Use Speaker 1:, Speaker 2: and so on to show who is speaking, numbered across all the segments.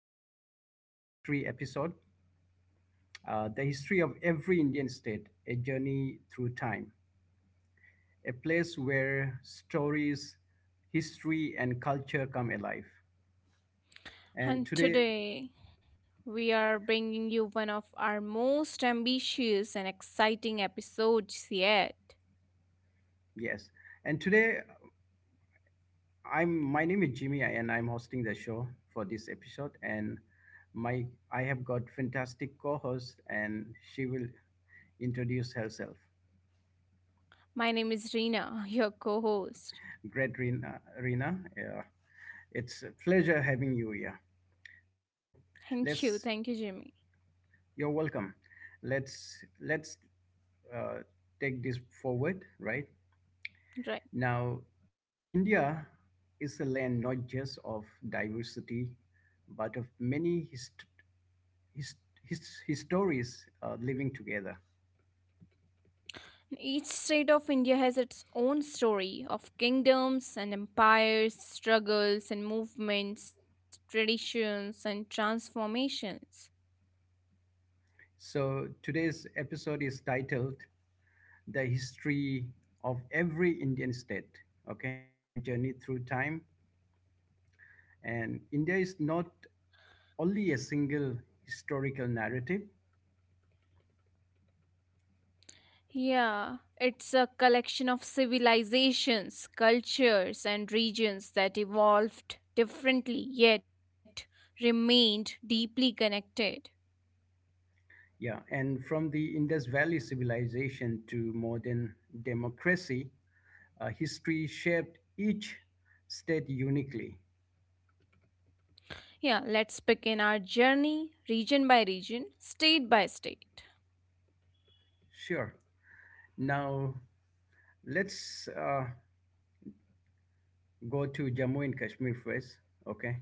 Speaker 1: today's history episode, The History of Every Indian State, a Journey Through Time, a place where stories, history, and culture come alive. And
Speaker 2: And
Speaker 1: today,
Speaker 2: today, we are bringing you one of our most ambitious and exciting episodes yet.
Speaker 1: yes, and today, I'm my name is Jimmy, and I'm hosting the show for this episode. And my I have got fantastic co host, and she will introduce herself.
Speaker 2: My name is Reena, your co host.
Speaker 1: Great, Rina, Rina, yeah. It's a pleasure having you here. So let's
Speaker 2: Thank you, Jimmy.
Speaker 1: you're welcome. Let's uh, take this forward, right?
Speaker 2: Right.
Speaker 1: Now, India is a land not just of diversity, but of many hist- histories, living together.
Speaker 2: Each state of India has its own story of kingdoms and empires, struggles and movements, traditions and transformations.
Speaker 1: So today's episode is titled "The History of Every Indian State." Okay, a journey through time. And India is not only a single historical narrative.
Speaker 2: Yeah, it's a collection of civilizations, cultures, and regions that evolved differently yet remained deeply connected.
Speaker 1: Yeah, and from the Indus Valley civilization to modern democracy, history shaped each state uniquely.
Speaker 2: Yeah, let's begin our journey region by region, state by state.
Speaker 1: Sure. Now let's go to Jammu and Kashmir first, okay?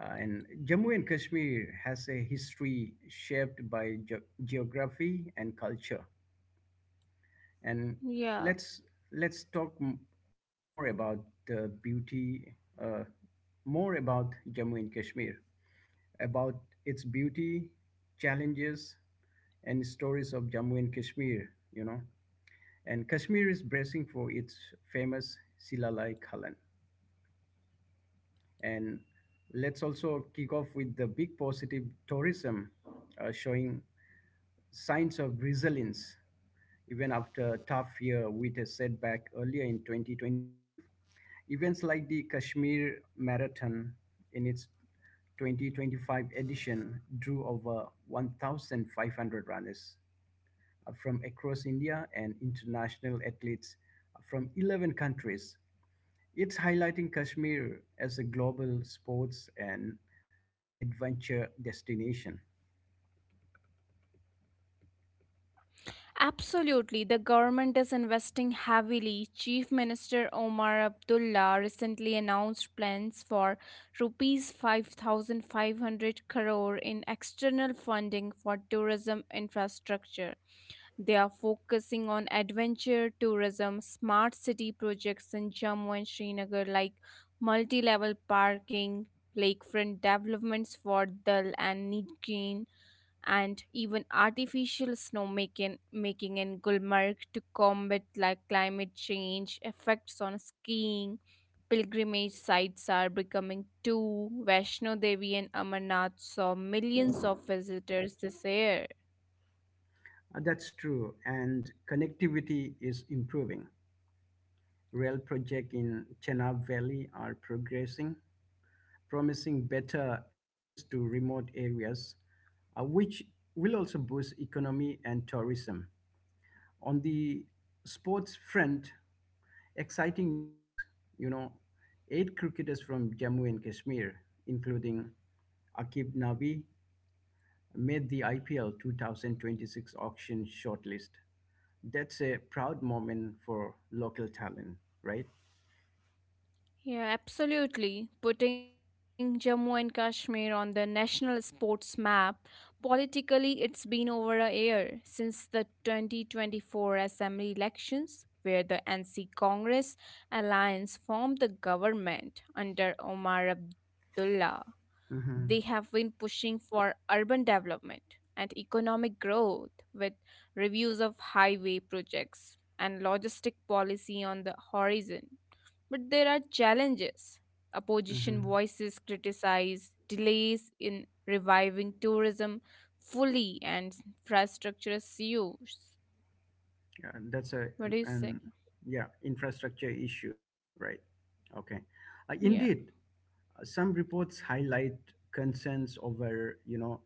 Speaker 1: And Jammu and Kashmir has a history shaped by geography and culture. And let's
Speaker 2: Yeah.
Speaker 1: let's talk bit more about the beauty, uh, more about Jammu and Kashmir, about its beauty, challenges, and stories of Jammu and Kashmir, you know. And Kashmir is bracing for its famous Silalai Khalan. And let's also kick off with the big positive tourism, showing signs of resilience even after a tough year with a setback earlier in 2025. Events like the Kashmir Marathon in its 2025 edition drew over 1,500 runners, from across India, and international athletes from 11 countries. It's highlighting Kashmir as a global sports and, adventure destination.
Speaker 2: Absolutely. The government is investing heavily. Chief Minister Omar Abdullah recently announced plans for rupees 5500 crore in external funding for tourism infrastructure. They are focusing on adventure tourism, smart city projects in Jammu and Srinagar like multi-level parking, lakefront developments for Dal and Nigeen and even artificial snowmaking making in Gulmarg to combat like climate change effects on skiing. Pilgrimage sites are becoming too. Vaishno Devi and Amarnath saw millions of visitors this year.
Speaker 1: That's true, and connectivity is improving. Rail projects in Chenab Valley are progressing, promising better access to remote areas, which will also boost economy and tourism. On the sports front, exciting news, you know, eight cricketers from Jammu and Kashmir, including Akib Nabi, made the IPL 2026 auction shortlist. That's a proud moment for local talent, right?
Speaker 2: Yeah, absolutely. Putting Jammu and Kashmir on the national sports map, politically, it's been over a year since the 2024 Assembly elections, where the NC Congress alliance formed the government under Omar Abdullah. They have
Speaker 1: Hmm.
Speaker 2: been pushing for urban development and economic growth with reviews of highway projects and logistic policy on the horizon. But there are challenges. Opposition
Speaker 1: Hmm.
Speaker 2: voices criticize delays in reviving tourism fully and infrastructure issues.
Speaker 1: Yeah, that's a
Speaker 2: What do you say?
Speaker 1: and yeah, infrastructure issues, right? Okay.
Speaker 2: Yeah.
Speaker 1: Indeed, some reports highlight concerns over, you know,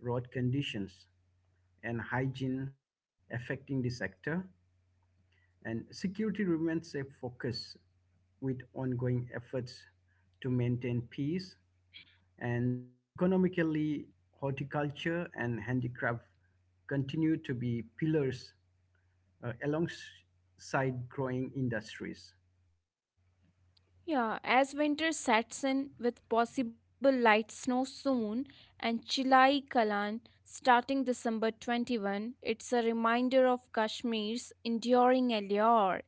Speaker 1: road conditions and hygiene affecting the sector, and security remains a focus with ongoing efforts to maintain peace. And economically, horticulture and handicraft continue to be pillars, alongside growing industries.
Speaker 2: Yeah, as winter sets in with possible light snow soon and Chilai Kalan starting December 21, it's a reminder of Kashmir's enduring allure.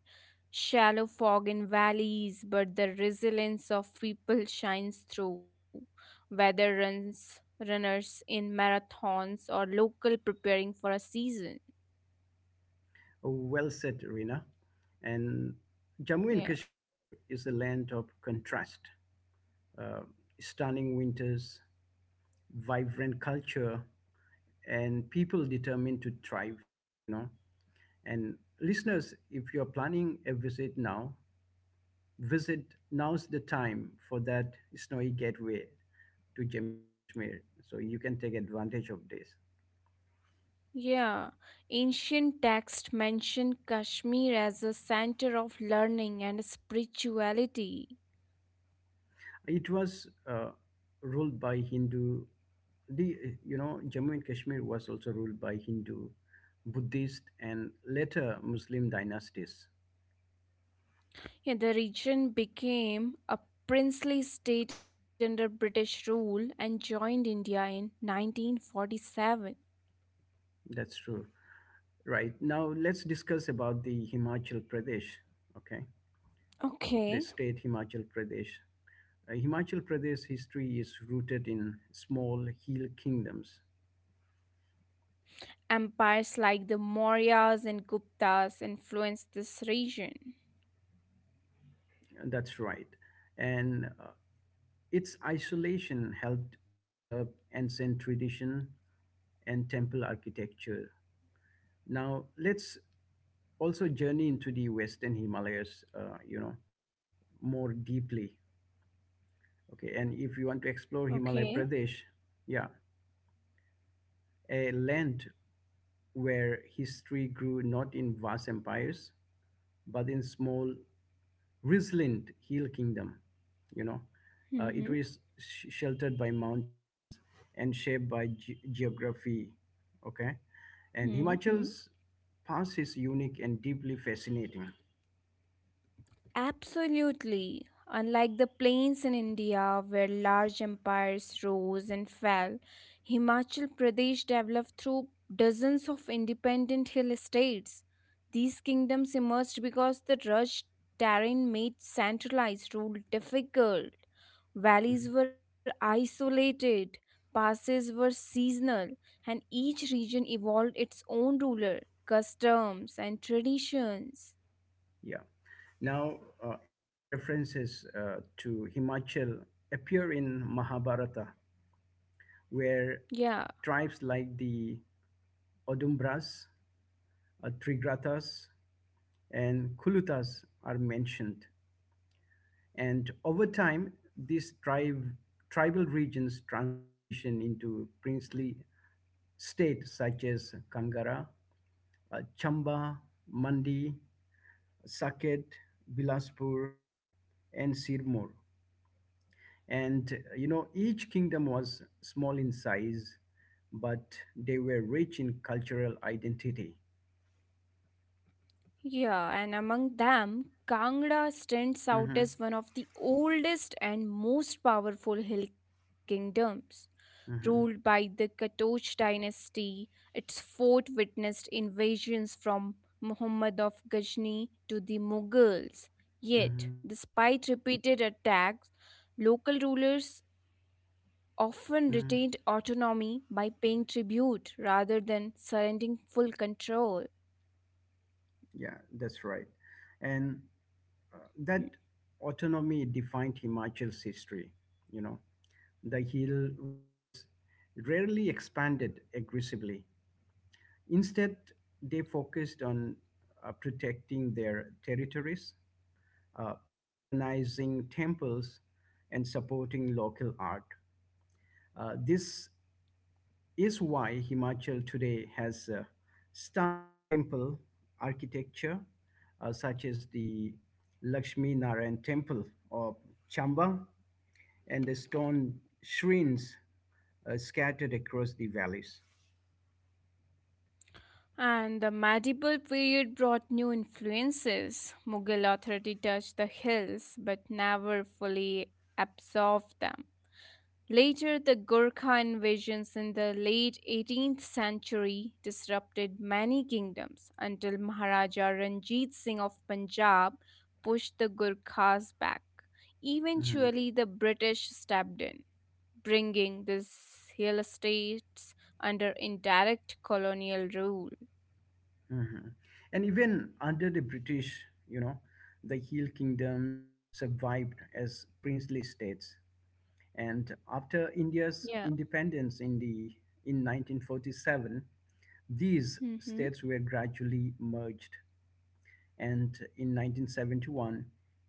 Speaker 2: Shallow fog in valleys, but the resilience of people shines through. Whether runners in marathons or local preparing for a season.
Speaker 1: Well said, Rina. And Jammu and
Speaker 2: Yeah.
Speaker 1: Kashmir is a land of contrast. Uh, stunning winters, vibrant culture, and people determined to thrive, you know. And listeners, if you're planning a visit now, visit now's the time for that snowy gateway to Jammu and Kashmir. So you can take advantage of this.
Speaker 2: Yeah, ancient texts mention Kashmir as a center of learning and spirituality.
Speaker 1: It was ruled by Hindu. The You know, Jammu and Kashmir was also ruled by Hindu, Buddhist, and later Muslim dynasties.
Speaker 2: Yeah, the region became a princely state under British rule and joined India in 1947.
Speaker 1: That's true. Right now, let's discuss about the Himachal Pradesh. Okay, the
Speaker 2: Okay.
Speaker 1: state Himachal Pradesh. Himachal Pradesh history is rooted in small hill kingdoms.
Speaker 2: Empires like the Mauryas and Guptas influenced this region.
Speaker 1: That's right, and its isolation helped preserve ancient tradition and temple architecture. Now, let's also journey into the Western Himalayas, you know, more deeply. Okay, and if you want to explore
Speaker 2: Okay.
Speaker 1: Himalaya Pradesh, yeah, a land where history grew not in vast empires, but in small resilient hill kingdom, you know. It
Speaker 2: Mm-hmm.
Speaker 1: is sheltered by mountains and shaped by geography, okay. And
Speaker 2: Mm-hmm.
Speaker 1: Himachal's past is unique and deeply fascinating.
Speaker 2: Absolutely. Unlike the plains in India, where large empires rose and fell, Himachal Pradesh developed through dozens of independent hill states. These kingdoms emerged because the rugged terrain made centralized rule difficult. Valleys were isolated, passes were seasonal, and each region evolved its own ruler, customs, and traditions.
Speaker 1: Yeah. Now, ancient references, to Himachal appear in Mahabharata, where
Speaker 2: Yeah.
Speaker 1: tribes like the Odumbras, Trigratas, and Kulutas are mentioned. And over time, tribal region's transformation into princely states such as Kangara, Chamba, Mandi, Saket, Bilaspur, and Sirmur. And you know, each kingdom was small in size, but they were rich in cultural identity.
Speaker 2: Yeah, and among them, Kangra stands out
Speaker 1: Mhm.
Speaker 2: as one of the oldest and most powerful hill kingdoms. Ruled by
Speaker 1: Mhm.
Speaker 2: the Katoch dynasty, its fort witnessed invasions from Muhammad of Ghazni to the Mughals. Yet,
Speaker 1: Mhm.
Speaker 2: despite repeated attacks, local rulers often retained
Speaker 1: Mhm.
Speaker 2: autonomy by paying tribute rather than surrendering full control.
Speaker 1: Yeah, that's right. And that autonomy defined Himachal's history. You know, the hill rulers rarely expanded aggressively. Instead, they focused on, protecting their territories, uh, patronizing temples, and supporting local art. This is why Himachal today has a stunning temple architecture, such as the Lakshmi Narayan Temple of Chamba and the stone shrines, scattered across the valleys.
Speaker 2: And the medieval period brought new influences. Mughal authority touched the hills but never fully absorbed them. Later, the Gurkha invasions in the late 18th century disrupted many kingdoms until Maharaja Ranjit Singh of Punjab pushed the Gurkhas back.
Speaker 1: Mhm.
Speaker 2: Eventually, the British stepped in, bringing these hill states under indirect colonial rule.
Speaker 1: Mhm. And even under the British, you know, the hill kingdoms survived as princely states. And after India's
Speaker 2: Yeah.
Speaker 1: independence, in 1947, these
Speaker 2: Mhm.
Speaker 1: states were gradually merged. And in 1971,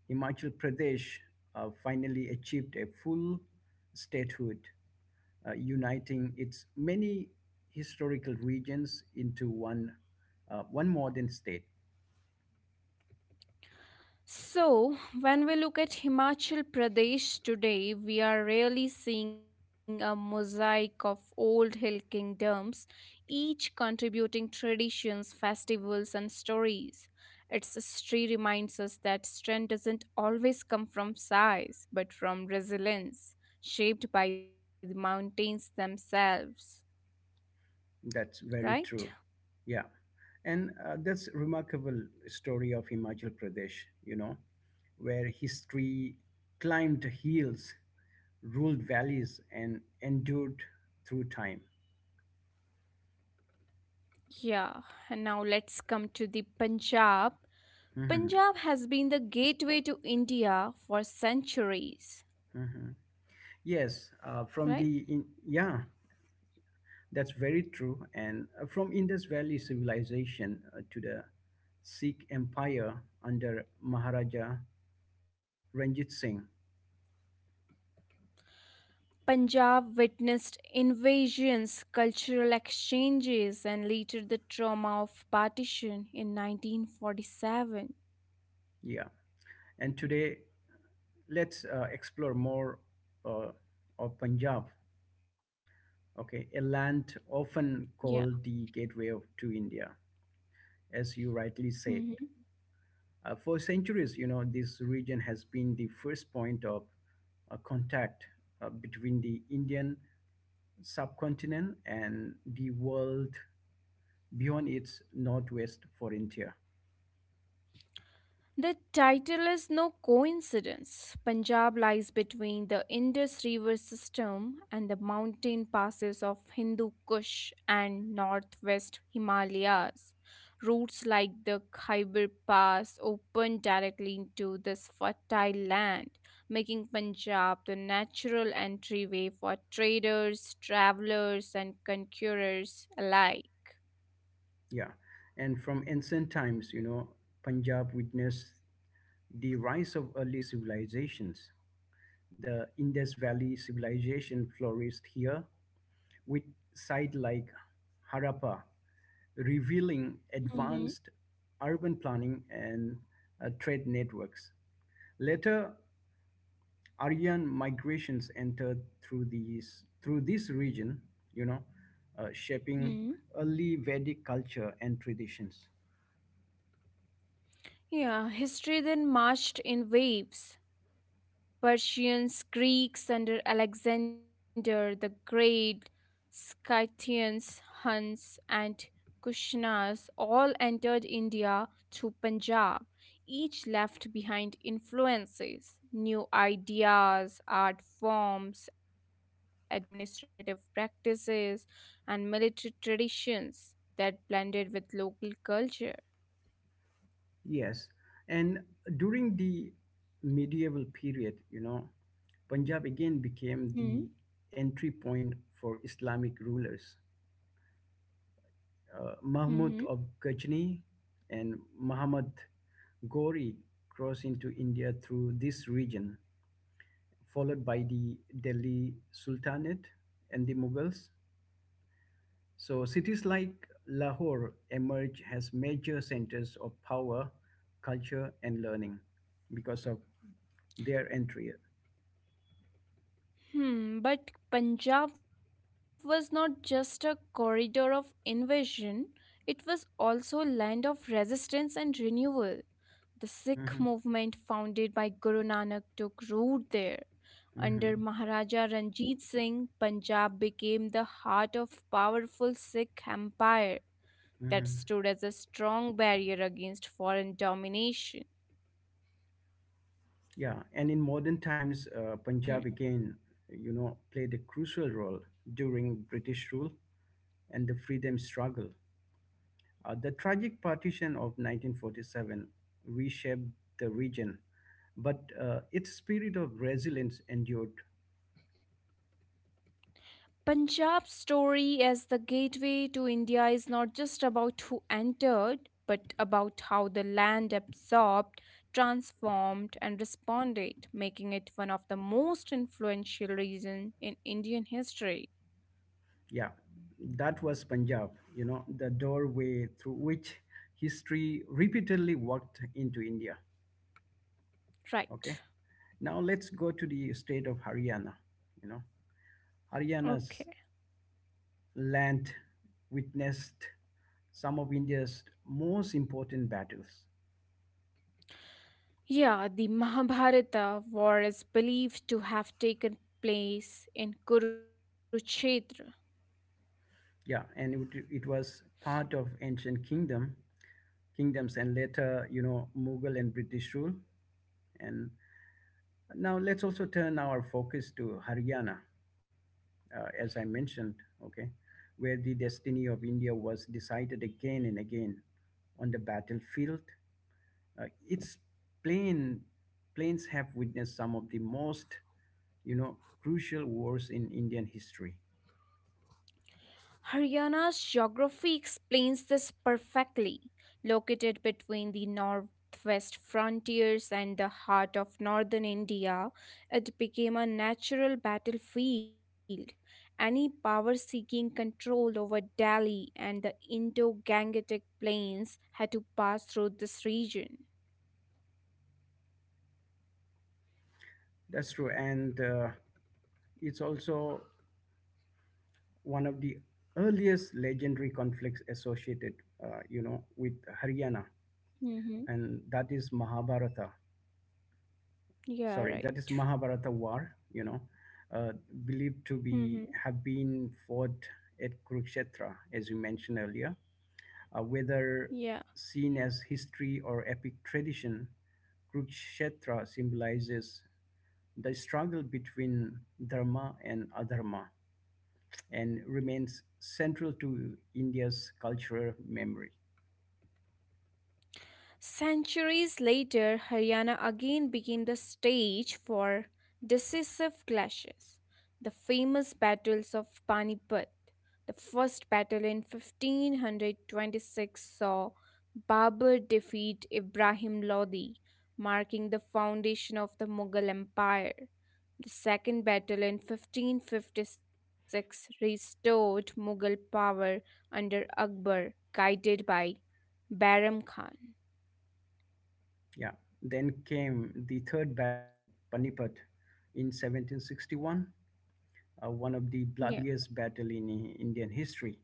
Speaker 1: Himachal Pradesh, finally achieved a full statehood, uniting its many historical regions into one, one modern state.
Speaker 2: So, when we look at Himachal Pradesh today, we are really seeing a mosaic of old hill kingdoms, each contributing traditions, festivals, and stories. Its history reminds us that strength doesn't always come from size, but from resilience, shaped by the mountains themselves,
Speaker 1: That's very true.
Speaker 2: right?
Speaker 1: Yeah. And that's remarkable story of Himachal Pradesh, you know, where history climbed hills, ruled valleys, and endured through time.
Speaker 2: Yeah, and now let's come to the Punjab.
Speaker 1: Hmm.
Speaker 2: Punjab has been the gateway to India for centuries,
Speaker 1: Hmm. Yes,
Speaker 2: right?
Speaker 1: yeah, that's very true. And from Indus Valley civilization, to the Sikh Empire under Maharaja Ranjit Singh,
Speaker 2: Punjab witnessed invasions, cultural exchanges, and later the trauma of partition in 1947.
Speaker 1: yeah, and today let's, explore more, uh, of Punjab, okay, a land often
Speaker 2: Yeah.
Speaker 1: called the gateway of, to India, as you rightly said.
Speaker 2: Mhm.
Speaker 1: For centuries, you know, this region has been the first point of, contact, between the Indian subcontinent and the world beyond its northwest frontier.
Speaker 2: The title is no coincidence. Punjab lies between the Indus River system and the mountain passes of Hindu Kush and northwest Himalayas. Routes like the Khyber Pass open directly into this fertile land, making Punjab the natural entryway for traders, travelers, and conquerors alike.
Speaker 1: Yeah. And from ancient times, you know, Punjab witnessed the rise of early civilizations. The Indus Valley civilization flourished here, with sites like Harappa revealing
Speaker 2: Mm-hmm.
Speaker 1: advanced urban planning and, trade networks. Later, Aryan migrations entered through this region, you know, shaping
Speaker 2: Hmm.
Speaker 1: early Vedic culture and traditions.
Speaker 2: Yeah, history then marched in waves. Persians, Greeks under Alexander the Great, Scythians, Huns, and Kushans all entered India through Punjab. Each left behind influences, new ideas, art forms, administrative practices, and military traditions that blended with local culture.
Speaker 1: Yes, and during the medieval period, you know, Punjab again became
Speaker 2: Hmm.
Speaker 1: the entry point for Islamic rulers.
Speaker 2: Mhm.
Speaker 1: Mahmud of Ghazni and Muhammad Ghori crossed into India through this region, followed by the Delhi Sultanate and the Mughals. So cities like Lahore emerge as major centers of power, culture, and learning because of their entry.
Speaker 2: Hmm, but Punjab was not just a corridor of invasion, it was also a land of resistance and renewal. The Sikh
Speaker 1: Mhm.
Speaker 2: movement founded by Guru Nanak took root there. Under
Speaker 1: Mhm.
Speaker 2: Maharaja Ranjit Singh, Punjab became the heart of powerful Sikh empire that
Speaker 1: Mhm.
Speaker 2: stood as a strong barrier against foreign domination.
Speaker 1: Yeah, and in modern times,
Speaker 2: Hmm.
Speaker 1: Punjab again, you know, played a crucial role during British rule and the freedom struggle. The tragic partition of 1947 reshaped the region, but its spirit of resilience endured.
Speaker 2: Punjab's story as the gateway to India is not just about who entered, but about how the land absorbed, transformed, and responded, making it one of the most influential regions in Indian history.
Speaker 1: Yeah, that was Punjab, you know, the doorway through which history repeatedly walked into India. Okay,
Speaker 2: Right.
Speaker 1: now let's go to the state of Haryana. You know,
Speaker 2: Okay.
Speaker 1: Haryana's land witnessed some of India's most important battles.
Speaker 2: Yeah, the Mahabharata war is believed to have taken place in Kurukshetra.
Speaker 1: Yeah, and it was part of ancient kingdoms and later, you know, Mughal and British rule. And now let's also turn our focus to Haryana, as I mentioned, okay, where the destiny of India was decided again and again on the battlefield. Its plane planes have witnessed some of the most, you know, crucial wars in Indian history.
Speaker 2: Haryana's geography explains this perfectly. Located between the northwest frontiers and the heart of northern India, it became a natural battlefield. Any power seeking control over Delhi and the Indo Gangetic plains had to pass through this region.
Speaker 1: That's true, and it's also one of the earliest legendary conflicts associated, you know, with Haryana,
Speaker 2: Mm-hmm.
Speaker 1: and that is Mahabharata.
Speaker 2: Yeah,
Speaker 1: Sorry, that
Speaker 2: right.
Speaker 1: is Mahabharata war, you know. Uh, believed to
Speaker 2: Mm-hmm.
Speaker 1: be have been fought at Kurukshetra, as you mentioned earlier. Uh, whether
Speaker 2: Yeah.
Speaker 1: seen as history or epic tradition, Kurukshetra symbolizes the struggle between dharma and adharma, and remains central to India's cultural memory.
Speaker 2: Centuries later, Haryana again became the stage for decisive clashes. The famous battles of Panipat, the first battle in 1526, saw Babur defeat Ibrahim Lodi, marking the foundation of the Mughal Empire. The second battle in 1556 restored Mughal power under Akbar, guided by Bairam Khan.
Speaker 1: Yeah, then came the third battle of Panipat in 1761, one of the
Speaker 2: Yeah.
Speaker 1: bloodiest battle in Indian history.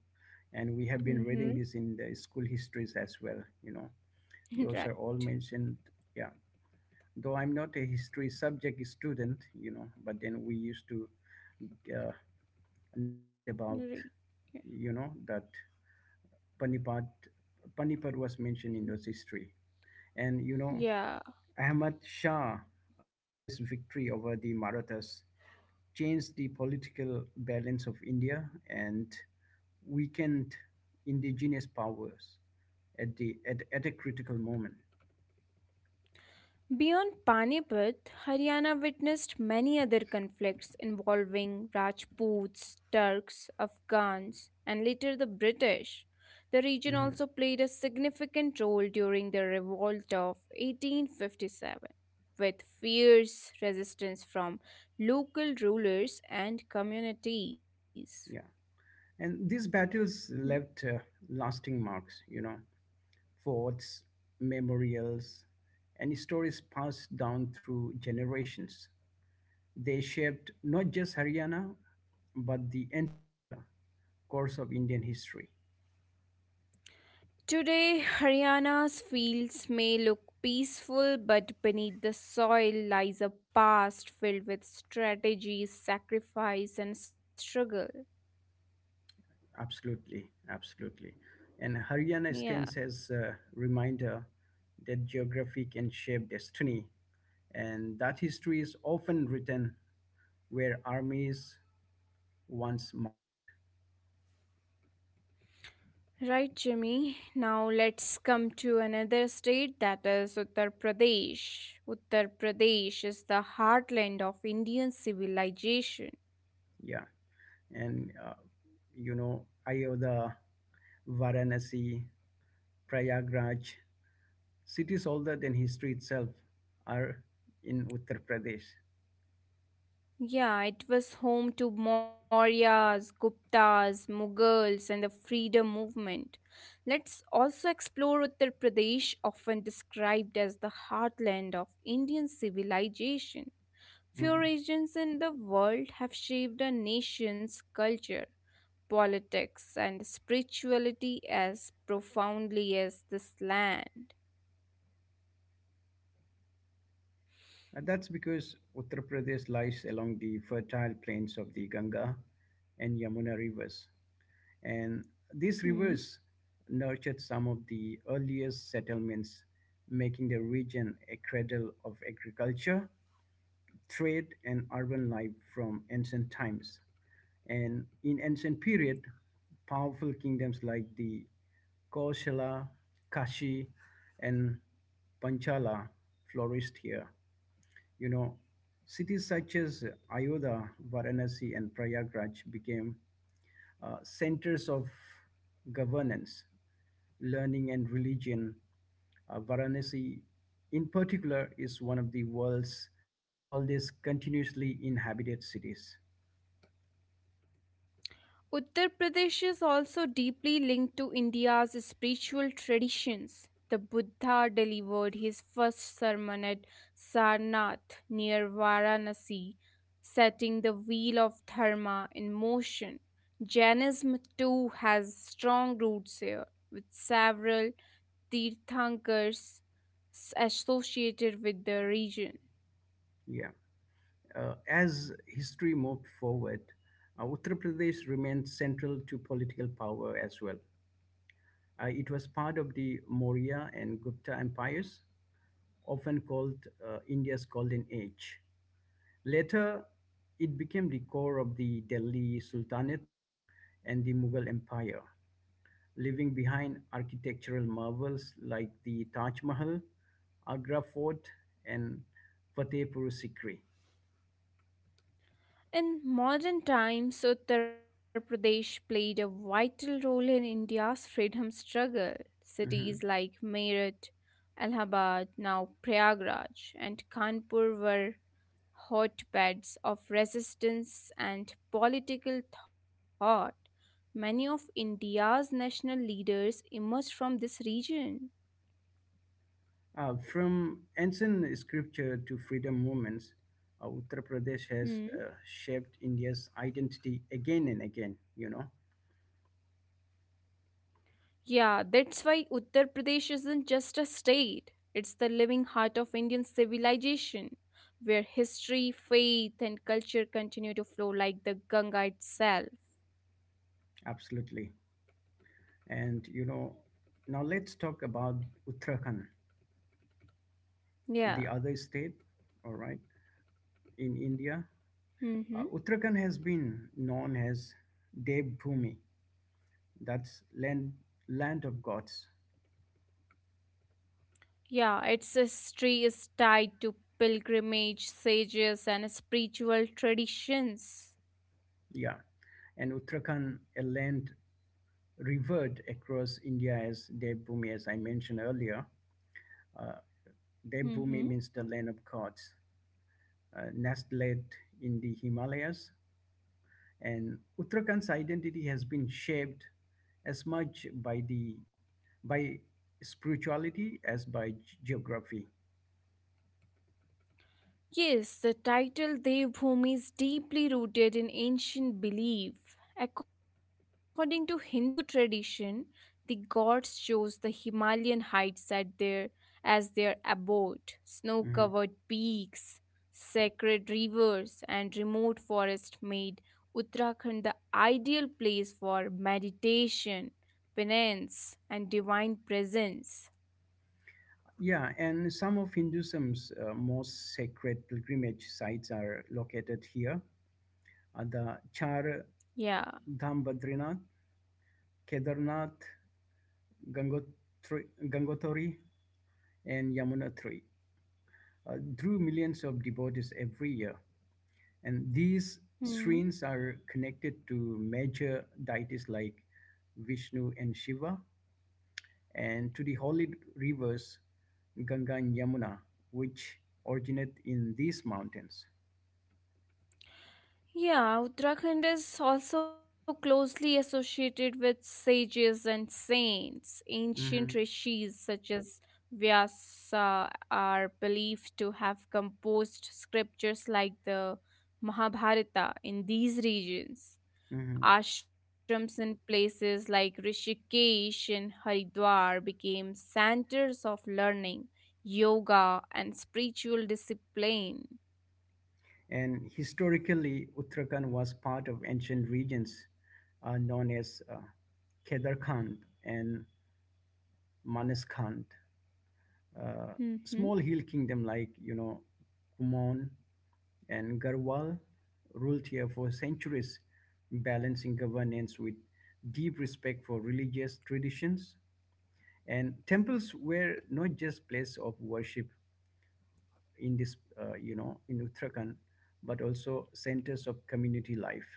Speaker 1: And we have been reading this
Speaker 2: Mm-hmm.
Speaker 1: in the school histories as well. You know, those are
Speaker 2: Right.
Speaker 1: all mentioned. Yeah. Though I'm not a history subject student, you know, but then we used to, uh, know a bit about,
Speaker 2: Right.
Speaker 1: you know, that Panipat, Panipat was mentioned in those history. And, you know,
Speaker 2: Yeah.
Speaker 1: Ahmad Shah Abdali's victory over the Marathas changed the political balance of India and weakened indigenous powers at the at a critical moment.
Speaker 2: Beyond Panipat, Haryana witnessed many other conflicts involving Rajputs, Turks, Afghans, and later the British. The region
Speaker 1: Mhm.
Speaker 2: also played a significant role during the revolt of 1857, with fierce resistance from local rulers and communities.
Speaker 1: Yeah, and these battles
Speaker 2: Hmm.
Speaker 1: left, lasting marks. You know, forts, memorials, and stories passed down through generations. They shaped not just Haryana, but the entire course of Indian history.
Speaker 2: Today, Haryana's fields may look peaceful, but beneath the soil lies a past filled with strategies, sacrifice, and struggle.
Speaker 1: Absolutely, absolutely. And Haryana
Speaker 2: Yeah.
Speaker 1: stands as a reminder that geography can shape destiny, and that history is often written where armies once marched.
Speaker 2: Right, Jimmy. Now let's come to another state that is Uttar Pradesh. Uttar Pradesh is the heartland of Indian civilization.
Speaker 1: Yeah, and you know, Ayodhya, Varanasi, Prayagraj, cities older than history itself, are in Uttar Pradesh.
Speaker 2: Yeah, it was home to Mauryas, Guptas, Mughals, and the freedom movement. Let's also explore Uttar Pradesh, often described as the heartland of Indian civilization. Few
Speaker 1: Mm-hmm.
Speaker 2: regions in the world have shaped a nation's culture, politics, and spirituality as profoundly as this land.
Speaker 1: That's because Uttar Pradesh lies along the fertile plains of the Ganga and Yamuna rivers. And
Speaker 2: Hmm?
Speaker 1: these rivers nurtured some of the earliest settlements, making the region a cradle of agriculture, trade, and urban life from ancient times. And in ancient period, powerful kingdoms like the Kaushala, Kashi, and Panchala flourished here, you know. Cities such as Ayodhya, Varanasi, and Prayagraj became, centers of governance, learning, and religion. Varanasi, in particular, is one of the world's oldest continuously inhabited cities.
Speaker 2: Uttar Pradesh is also deeply linked to India's spiritual traditions. The Buddha delivered his first sermon at Sarnath near Varanasi, setting the wheel of dharma in motion. Jainism too has strong roots here, with several Tirthankars associated with the region.
Speaker 1: Yeah. As history moved forward, Uttar Pradesh remained central to political power as well. It was part of the Maurya and Gupta empires, often called, India's Golden Age. Later, it became the core of the Delhi Sultanate and the Mughal Empire, leaving behind architectural marvels like the Taj Mahal, Agra Fort, and Fatehpur Sikri.
Speaker 2: In modern times, Uttar Pradesh played a vital role in India's freedom struggle. Cities
Speaker 1: Mhm.
Speaker 2: like Meerut, Allahabad, now Prayagraj, and Kanpur were hotbeds of resistance and political thought. Many of India's national leaders emerged from this region.
Speaker 1: From ancient scripture to freedom movements, Uttar Pradesh has,
Speaker 2: Hmm.
Speaker 1: shaped India's identity again and again, you know.
Speaker 2: Yeah, that's why Uttar Pradesh isn't just a state, it's the living heart of Indian civilization, where history, faith, and culture continue to flow like the Ganga itself.
Speaker 1: Absolutely. And you know, now let's talk about Uttarakhand, the other
Speaker 2: Yeah.
Speaker 1: state, all right, in India.
Speaker 2: Mm-hmm.
Speaker 1: Uttarakhand has been known as Dev Bhumi, that's land, land of gods.
Speaker 2: Yeah, its history is tied to pilgrimage, sages, and spiritual traditions.
Speaker 1: Yeah. And Uttarakhand, a land revered across India as Dev Bhumi, as I mentioned earlier. Uh, Dev
Speaker 2: Mm-hmm.
Speaker 1: Bhumi means the land of gods, nestled in the Himalayas. And Uttarakhand's identity has been shaped as much by spirituality as by geography.
Speaker 2: Yes, the title Devbhumi is deeply rooted in ancient belief. According to Hindu tradition, the gods chose the Himalayan heights as their abode, snow covered
Speaker 1: Mhm.
Speaker 2: peaks, sacred rivers, and remote forest made Uttarakhand the ideal place for meditation, penance, and divine presence.
Speaker 1: Yeah, and some of Hinduism's most sacred pilgrimage sites are located here. The Char
Speaker 2: Yeah.
Speaker 1: Dham Badrinath, Kedarnath, Gangotri, and Yamunotri drew millions of devotees every year. And these shrines are
Speaker 2: Hmm.
Speaker 1: connected to major deities like Vishnu and Shiva, and to the holy rivers Ganga and Yamuna, which originate in these mountains.
Speaker 2: Yeah, Uttarakhand is also closely associated with sages and saints.
Speaker 1: Hmm
Speaker 2: Ancient rishis such as Vyasa are believed to have composed scriptures like the Mahabharata in these regions.
Speaker 1: hmm
Speaker 2: Ashrams and places like Rishikesh and Haridwar became centers of learning, yoga, and spiritual discipline.
Speaker 1: And historically, Uttarakhand was part of ancient regions known as Kedarkhand and Manaskand, uh,
Speaker 2: Mhm.
Speaker 1: small hill kingdom like, you know, Kumon and Garhwal ruled here for centuries, balancing governance with deep respect for religious traditions. And temples were not just place of worship in in Uttarakhand, but also centers of community life.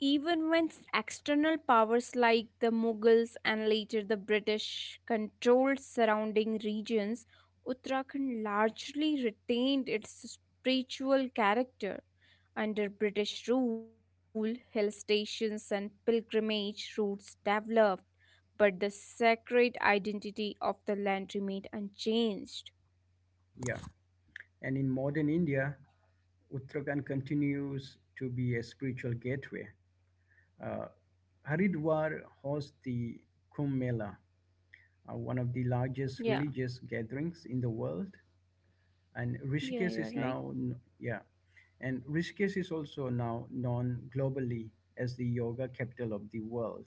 Speaker 2: Even when external powers like the Mughals and later the British controlled surrounding regions, Uttarakhand largely retained its spiritual character. Under British rule, hill stations and pilgrimage routes developed, but the sacred identity of the land remained unchanged.
Speaker 1: Yeah. And in modern India, Uttarakhand continues to be a spiritual gateway. Uh, Haridwar hosts the Kumbh Mela, one of the largest
Speaker 2: Yeah,
Speaker 1: religious gatherings in the world, and
Speaker 2: yeah,
Speaker 1: Rishikesh
Speaker 2: you're
Speaker 1: is
Speaker 2: right.
Speaker 1: now yeah, and Rishikesh is also now known globally as the yoga capital of the world,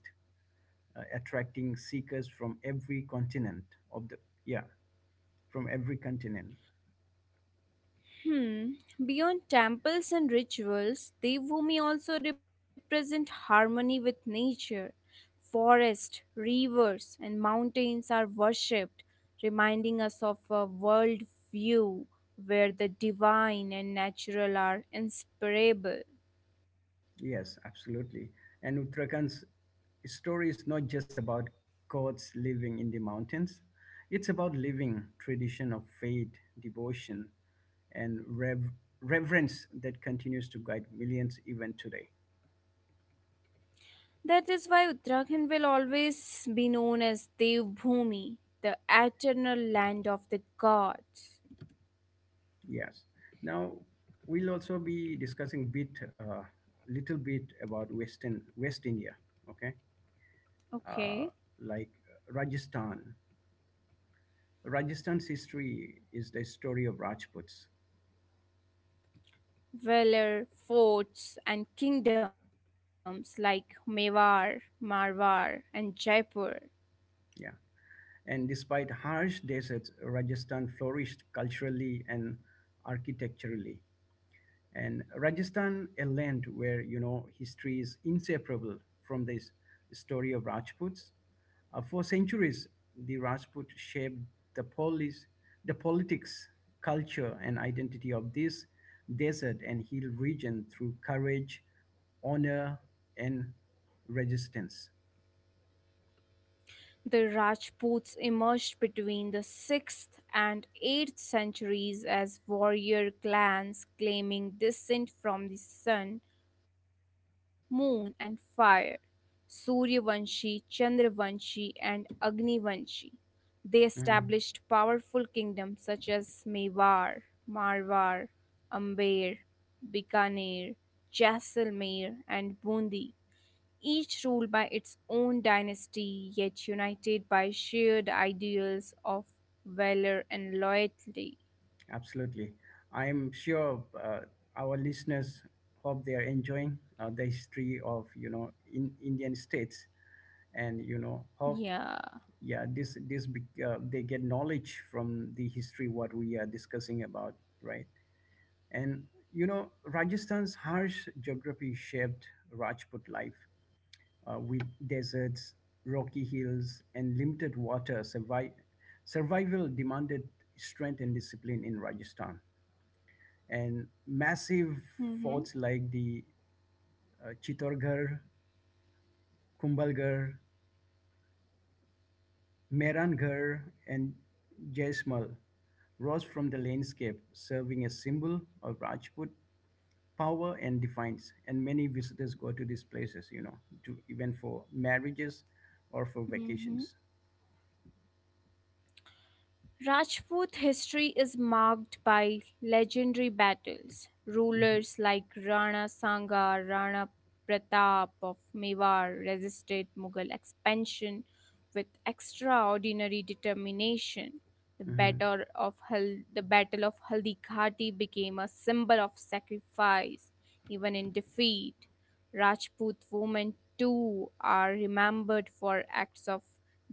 Speaker 1: attracting seekers from every continent of the yeah from every continent.
Speaker 2: Hmm. Beyond temples and rituals, Devbhumi also represent harmony with nature. Forests, rivers, and mountains are worshipped, reminding us of a world view where the divine and natural are inseparable.
Speaker 1: Yes, absolutely. And Uttarakhand's story is not just about gods living in the mountains; it's about living tradition of faith, devotion, and reverence that continues to guide millions even today.
Speaker 2: That is why Uttarakhand will always be known as Devbhumi, the eternal land of the gods.
Speaker 1: Yes. Now we'll also be discussing bit little bit about Western West India. Okay, uh,
Speaker 2: Okay.
Speaker 1: like Rajasthan. Rajasthan's history is the story of Rajputs.
Speaker 2: Valor, forts, and kingdoms like Mewar, Marwar, and Jaipur.
Speaker 1: Yeah, and despite harsh deserts, Rajasthan flourished culturally and architecturally. And Rajasthan, a land where, you know, history is inseparable from this story of Rajputs. For centuries, the Rajput shaped the polis, the politics, culture, and identity of this desert and hill region through courage, honor, and resistance.
Speaker 2: The Rajputs emerged between the 6th and 8th centuries as warrior clans claiming descent from the sun, moon, and fire Suryavanshi, Chandravanshi, and Agnivanshi. They established
Speaker 1: Mhm.
Speaker 2: powerful kingdoms such as Mewar, Marwar, Amber, Bikaner, Jaisalmer, and Bundi each ruled by its own dynasty, yet united by shared ideals of valor and loyalty.
Speaker 1: Absolutely. I'm sure our listeners, hope they are enjoying the history of, you know, in Indian states, and, you know, how
Speaker 2: Yeah.
Speaker 1: yeah they get knowledge from the history, what we are discussing about, right. And, you know, Rajasthan's harsh geography shaped Rajput life with deserts, rocky hills, and limited water. Survival demanded strength and discipline in Rajasthan, and massive
Speaker 2: Mm-hmm.
Speaker 1: forts like the Chittorgarh, Kumbhalgarh, Mehrangarh, and Jaisalmer rose from the landscape, serving as symbol of Rajput power and defiance. And many visitors go to these places, you know, to even for marriages or for
Speaker 2: Mm-hmm.
Speaker 1: vacations.
Speaker 2: Rajput history is marked by legendary battles.
Speaker 1: Mhm,
Speaker 2: Rulers like Rana Sangha, Rana Pratap of Mewar resisted Mughal expansion with extraordinary determination. The
Speaker 1: mhm.
Speaker 2: the battle of Haldi Ghati became a symbol of sacrifice, even in defeat. Rajput women too are remembered for acts of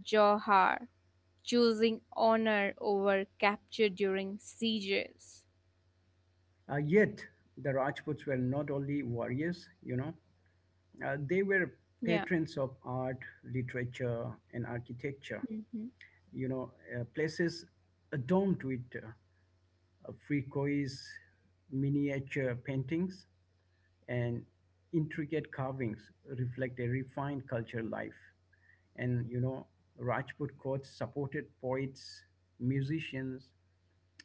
Speaker 2: johar choosing honor over capture during sieges.
Speaker 1: Yet the Rajputs were not only warriors, you know, they were
Speaker 2: Yeah.
Speaker 1: patrons of art, literature, and architecture.
Speaker 2: Mhm.
Speaker 1: You know, places adorned with fricoes, miniature paintings, and intricate carvings reflect a refined cultural life. And, you know, Rajput courts supported poets, musicians,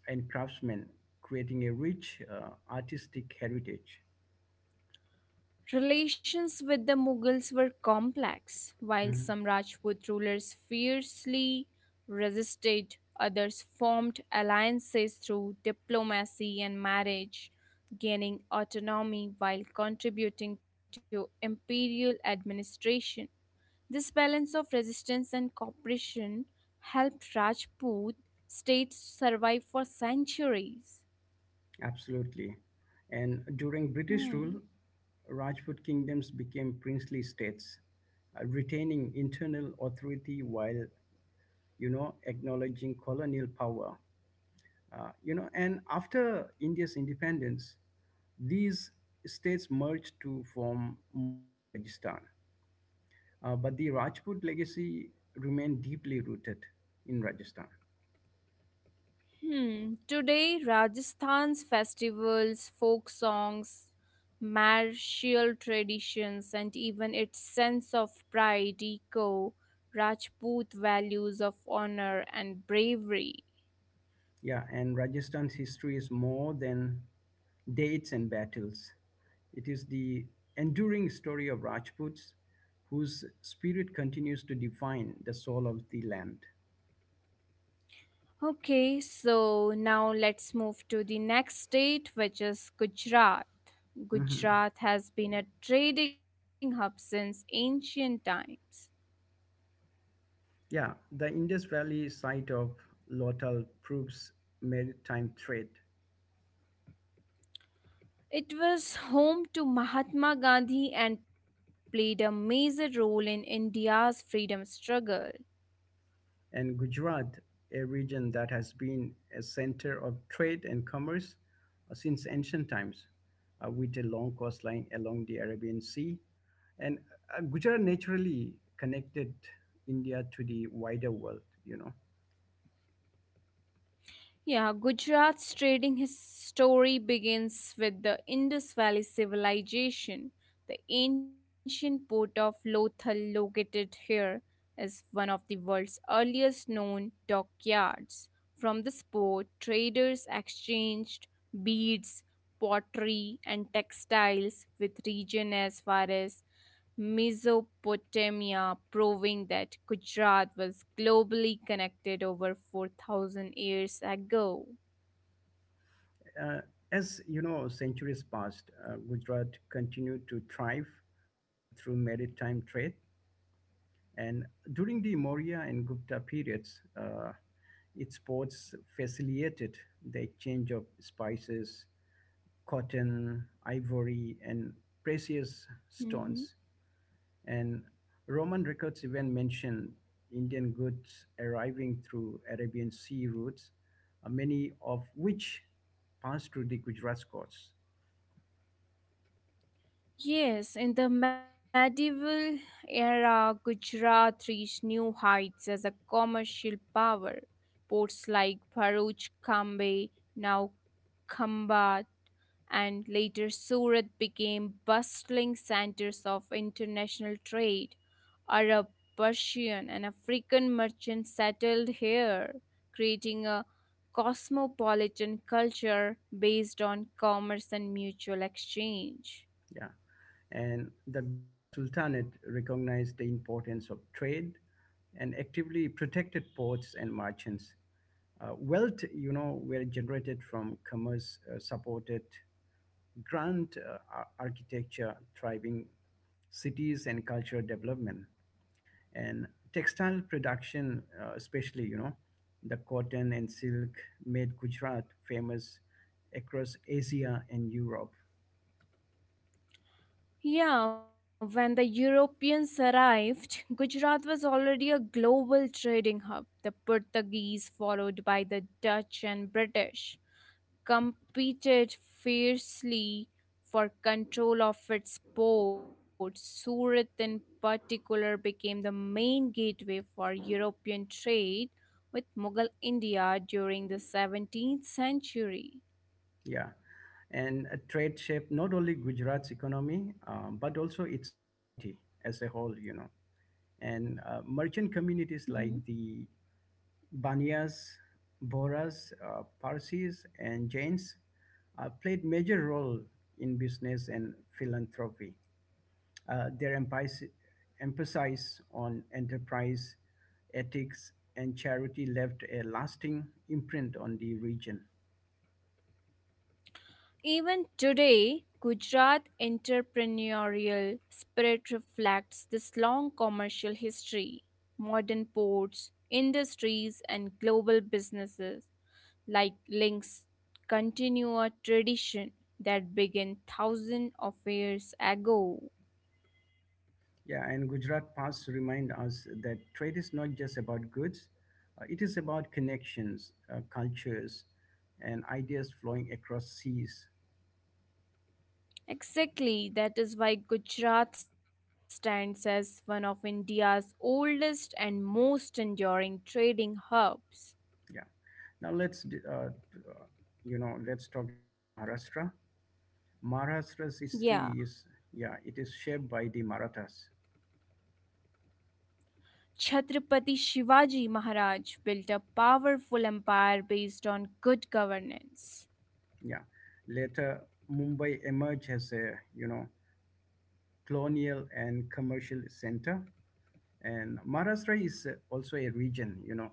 Speaker 1: and craftsmen, creating a rich artistic heritage.
Speaker 2: Relations with the Mughals were complex. While
Speaker 1: Mm,
Speaker 2: some Rajput rulers fiercely resisted, others formed alliances through diplomacy and marriage, gaining autonomy while contributing to imperial administration. This balance of resistance and cooperation helped Rajput states survive for centuries.
Speaker 1: absolutely. And during British rule,
Speaker 2: Hmm.
Speaker 1: Rajput kingdoms became princely states, retaining internal authority while, you know, acknowledging colonial power. You know, and after India's independence, these states merged to form modern Rajasthan. But the Rajput legacy remained deeply rooted in Rajasthan.
Speaker 2: Hmm. Today, Rajasthan's festivals, folk songs, martial traditions, and even its sense of pride echo Rajput values of honor and bravery.
Speaker 1: Yeah, and Rajasthan's history is more than dates and battles. It is the enduring story of Rajputs whose spirit continues to define the soul of the land.
Speaker 2: Okay, so now let's move to the next state, which is Gujarat.
Speaker 1: Mhm.
Speaker 2: Gujarat has been a trading hub since ancient times.
Speaker 1: Yeah, the Indus Valley site of Lotal proves maritime trade,
Speaker 2: It was home to Mahatma Gandhi and played a major role in India's freedom struggle.
Speaker 1: and Gujarat, a region that has been a center of trade and commerce since ancient times, with a long coastline along the Arabian Sea. And Gujarat naturally connected India to the wider world, you know.
Speaker 2: Yeah, Gujarat's trading his story begins with the Indus Valley Civilization. The ancient port of Lothal, located here, is one of the world's earliest known dockyards. From this port, traders exchanged beads, pottery, and textiles with region as far as Mesopotamia, proving that Gujarat was globally connected over 4,000 years ago.
Speaker 1: Uh, as you know, centuries passed, Gujarat continued to thrive through maritime trade. And during the Maurya and Gupta periods, its ports facilitated the exchange of spices, cotton, ivory, and precious
Speaker 2: Mhm.
Speaker 1: stones. And Roman records even mention Indian goods arriving through Arabian sea routes, many of which passed through the Gujarat coasts.
Speaker 2: Yes, in the medieval era, Gujarat reached new heights as a commercial power. Ports like Bharuch, Kambe, now Khambat, and later Surat became bustling centers of international trade. Arab, Persian, and African merchants settled here, creating a cosmopolitan culture based on commerce and mutual exchange.
Speaker 1: Yeah. And the Gujarat Sultanate recognized the importance of trade and actively protected ports and merchants. Wealth, you know, were generated from commerce supported grand architecture, thriving cities, and cultural development. And textile production, especially, you know, the cotton and silk, made Gujarat famous across Asia and Europe.
Speaker 2: Yeah, when the Europeans arrived, Gujarat was already a global trading hub. The Portuguese, followed by the Dutch and British, competed fiercely for control of its ports. Surat, in particular, became the main gateway for European trade with Mughal India during the 17th century.
Speaker 1: Yeah. And trade shaped not only Gujarat's economy, but also its society as a whole, you know. And merchant communities like the Baniyas, Boras, Parsis, and Jains played major role in business and philanthropy. Their emphasis on enterprise, ethics, and charity left a lasting imprint on the region.
Speaker 2: Even today, Gujarat entrepreneurial spirit reflects this long commercial history. Modern ports, industries, and global businesses like Links continue a tradition that began thousands of years ago.
Speaker 1: Yeah, and Gujarat Pass remind us that trade is not just about goods, it is about connections, cultures, and ideas flowing across seas.
Speaker 2: Exactly, that is why Gujarat stands as one of India's oldest and most enduring trading hubs.
Speaker 1: Yeah. Now you know, let's talk about Maharashtra. Maharashtra's history
Speaker 2: Yeah.
Speaker 1: is, yeah, it is shaped by the Marathas.
Speaker 2: Chhatrapati Shivaji Maharaj built a powerful empire based on good governance.
Speaker 1: Yeah. Later, Mumbai emerged as a, you know, colonial and commercial center. And Maharashtra is, also a region, you know,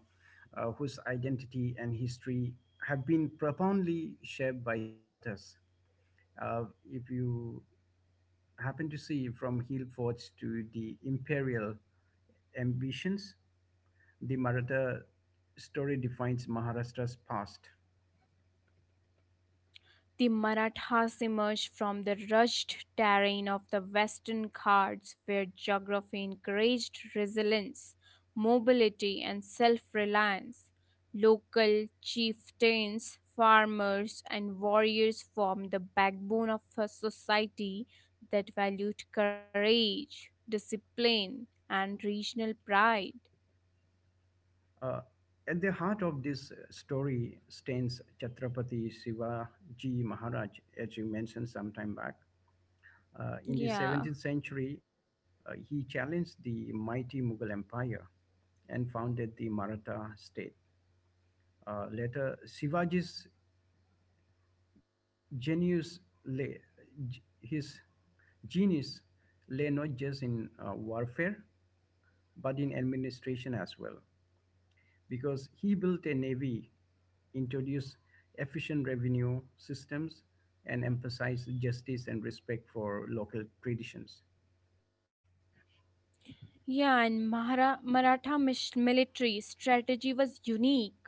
Speaker 1: whose identity and history have been profoundly shaped by the Marathas. Uh, if you happen to see from hill forts to the imperial ambitions, the Maratha story defines Maharashtra's past.
Speaker 2: The Marathas emerged from the rushed terrain of the Western Ghats, where geography encouraged resilience, mobility, and self reliance. Local chieftains, farmers, and warriors formed the backbone of a society that valued courage, discipline, and regional pride.
Speaker 1: Uh, at the heart of this story stands Chhatrapati Shivaji Maharaj, as you mentioned some time back. In the 17th
Speaker 2: Yeah.
Speaker 1: century, he challenged the mighty Mughal Empire and founded the Maratha state. Later, Shivaji's genius lay, his genius lay not just in warfare but in administration as well, because he built a navy, introduced efficient revenue systems, and emphasized justice and respect for local traditions.
Speaker 2: Yeah, and Maratha military strategy was unique,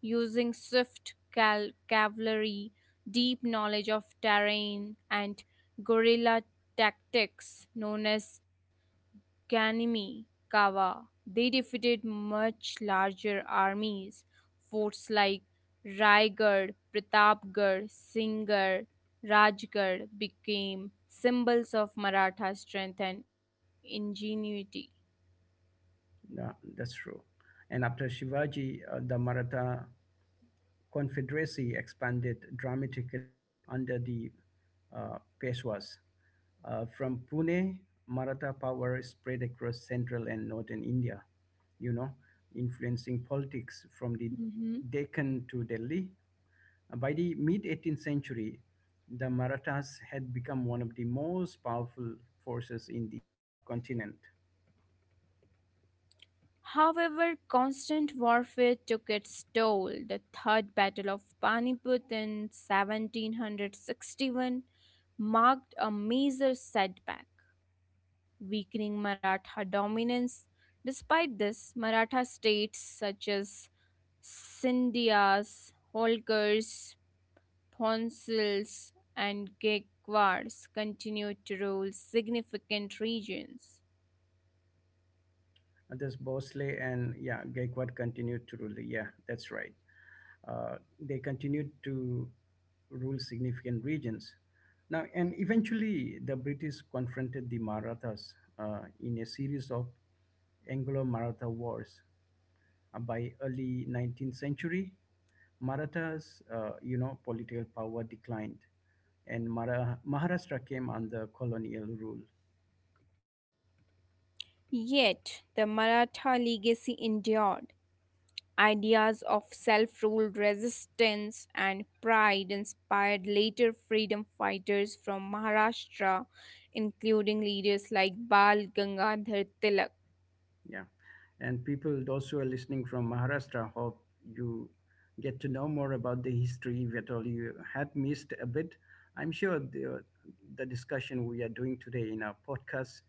Speaker 2: using swift cavalry, deep knowledge of terrain, and guerrilla tactics known as Ganimi Kawa. They defeated much larger armies, forts like Raigad, Pratapgarh, Singhar, Rajgarh became symbols of Maratha strength and ingenuity.
Speaker 1: Yeah, that's true. And after Shivaji, the Maratha Confederacy expanded dramatically under the Peshwas. From Pune, Maratha power spread across central and northern India, you know, influencing politics from the
Speaker 2: Hmm.
Speaker 1: Deccan to Delhi. By the mid 18th century, the Marathas had become one of the most powerful forces in the subcontinent.
Speaker 2: However, constant warfare took its toll. The Third Battle of Panipat in 1761 marked a major setback, weakening Maratha dominance. Despite this, Maratha states such as Sindhis, Holkars, Ponsils, and Gaekwars continued to rule significant regions.
Speaker 1: Others, Bosley and, yeah, Gaekwad continued to rule. Yeah, that's right. They continued to rule significant regions. Now, and eventually, the British confronted the Marathas in a series of Anglo-Maratha wars. By early 19th century, Marathas, you know, political power declined, and Maharashtra came under colonial rule.
Speaker 2: Yet the Maratha legacy endured. Ideas of self rule resistance and pride inspired later freedom fighters from Maharashtra, including leaders like Bal Gangadhar Tilak.
Speaker 1: Yeah. And people, those who are listening from Maharashtra, hope you get to know more about the history that all you had missed a bit. I'm sure the discussion we are doing today in our podcast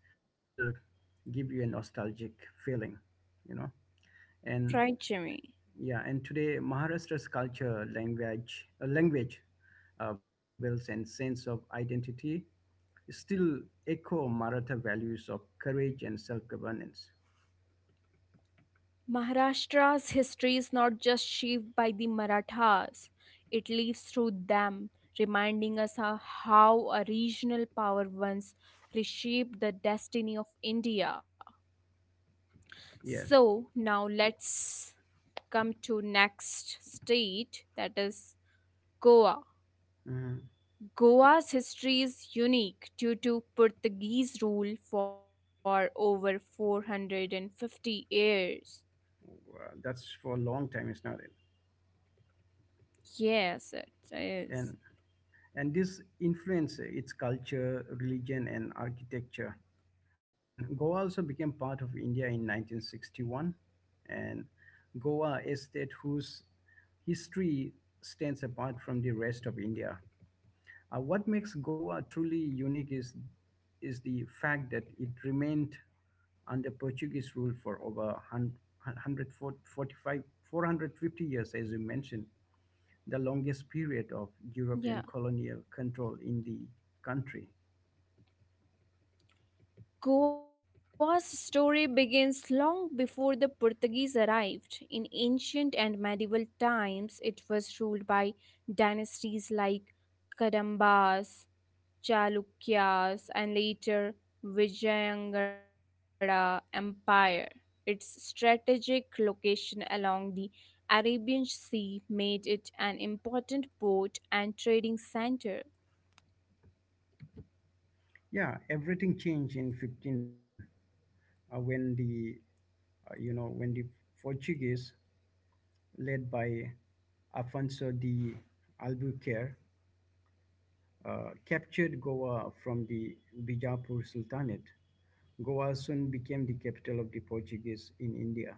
Speaker 1: will give you a nostalgic feeling, you know. And
Speaker 2: Right, Jimmy?
Speaker 1: yeah, and today Maharashtra's culture, language, festivals, and sense of identity still echo Maratha values of courage and self-governance.
Speaker 2: Maharashtra's history is not just shaped by the Marathas, it lives through them, reminding us of how a regional power once reshaped the destiny of India.
Speaker 1: Yes.
Speaker 2: So now let's come to next state, that is Goa.
Speaker 1: Mm-hmm.
Speaker 2: Goa's history is unique due to Portuguese rule for over 450 years.
Speaker 1: Well, that's for a long time, it's not it,
Speaker 2: Yes, it
Speaker 1: and
Speaker 2: is.
Speaker 1: and this influenced its culture, religion, and architecture, and Goa also became part of India in 1961. And Goa, a state whose history stands apart from the rest of India. What makes Goa truly unique is the fact that it remained under Portuguese rule for over 145 450 years, as you mentioned, the longest period of European
Speaker 2: Yeah.
Speaker 1: colonial control in the country.
Speaker 2: Goa's story begins long before the Portuguese arrived. In ancient and medieval times, it was ruled by dynasties like Kadambas, Chalukyas, and later Vijayanagara Empire. Its strategic location along the Arabian Sea made it an important port and trading center.
Speaker 1: Yeah, everything changed in 1510 uh, when the when the Portuguese, led by Afonso de Albuquerque, captured Goa from the Bijapur Sultanate. Goa soon became the capital of the Portuguese in India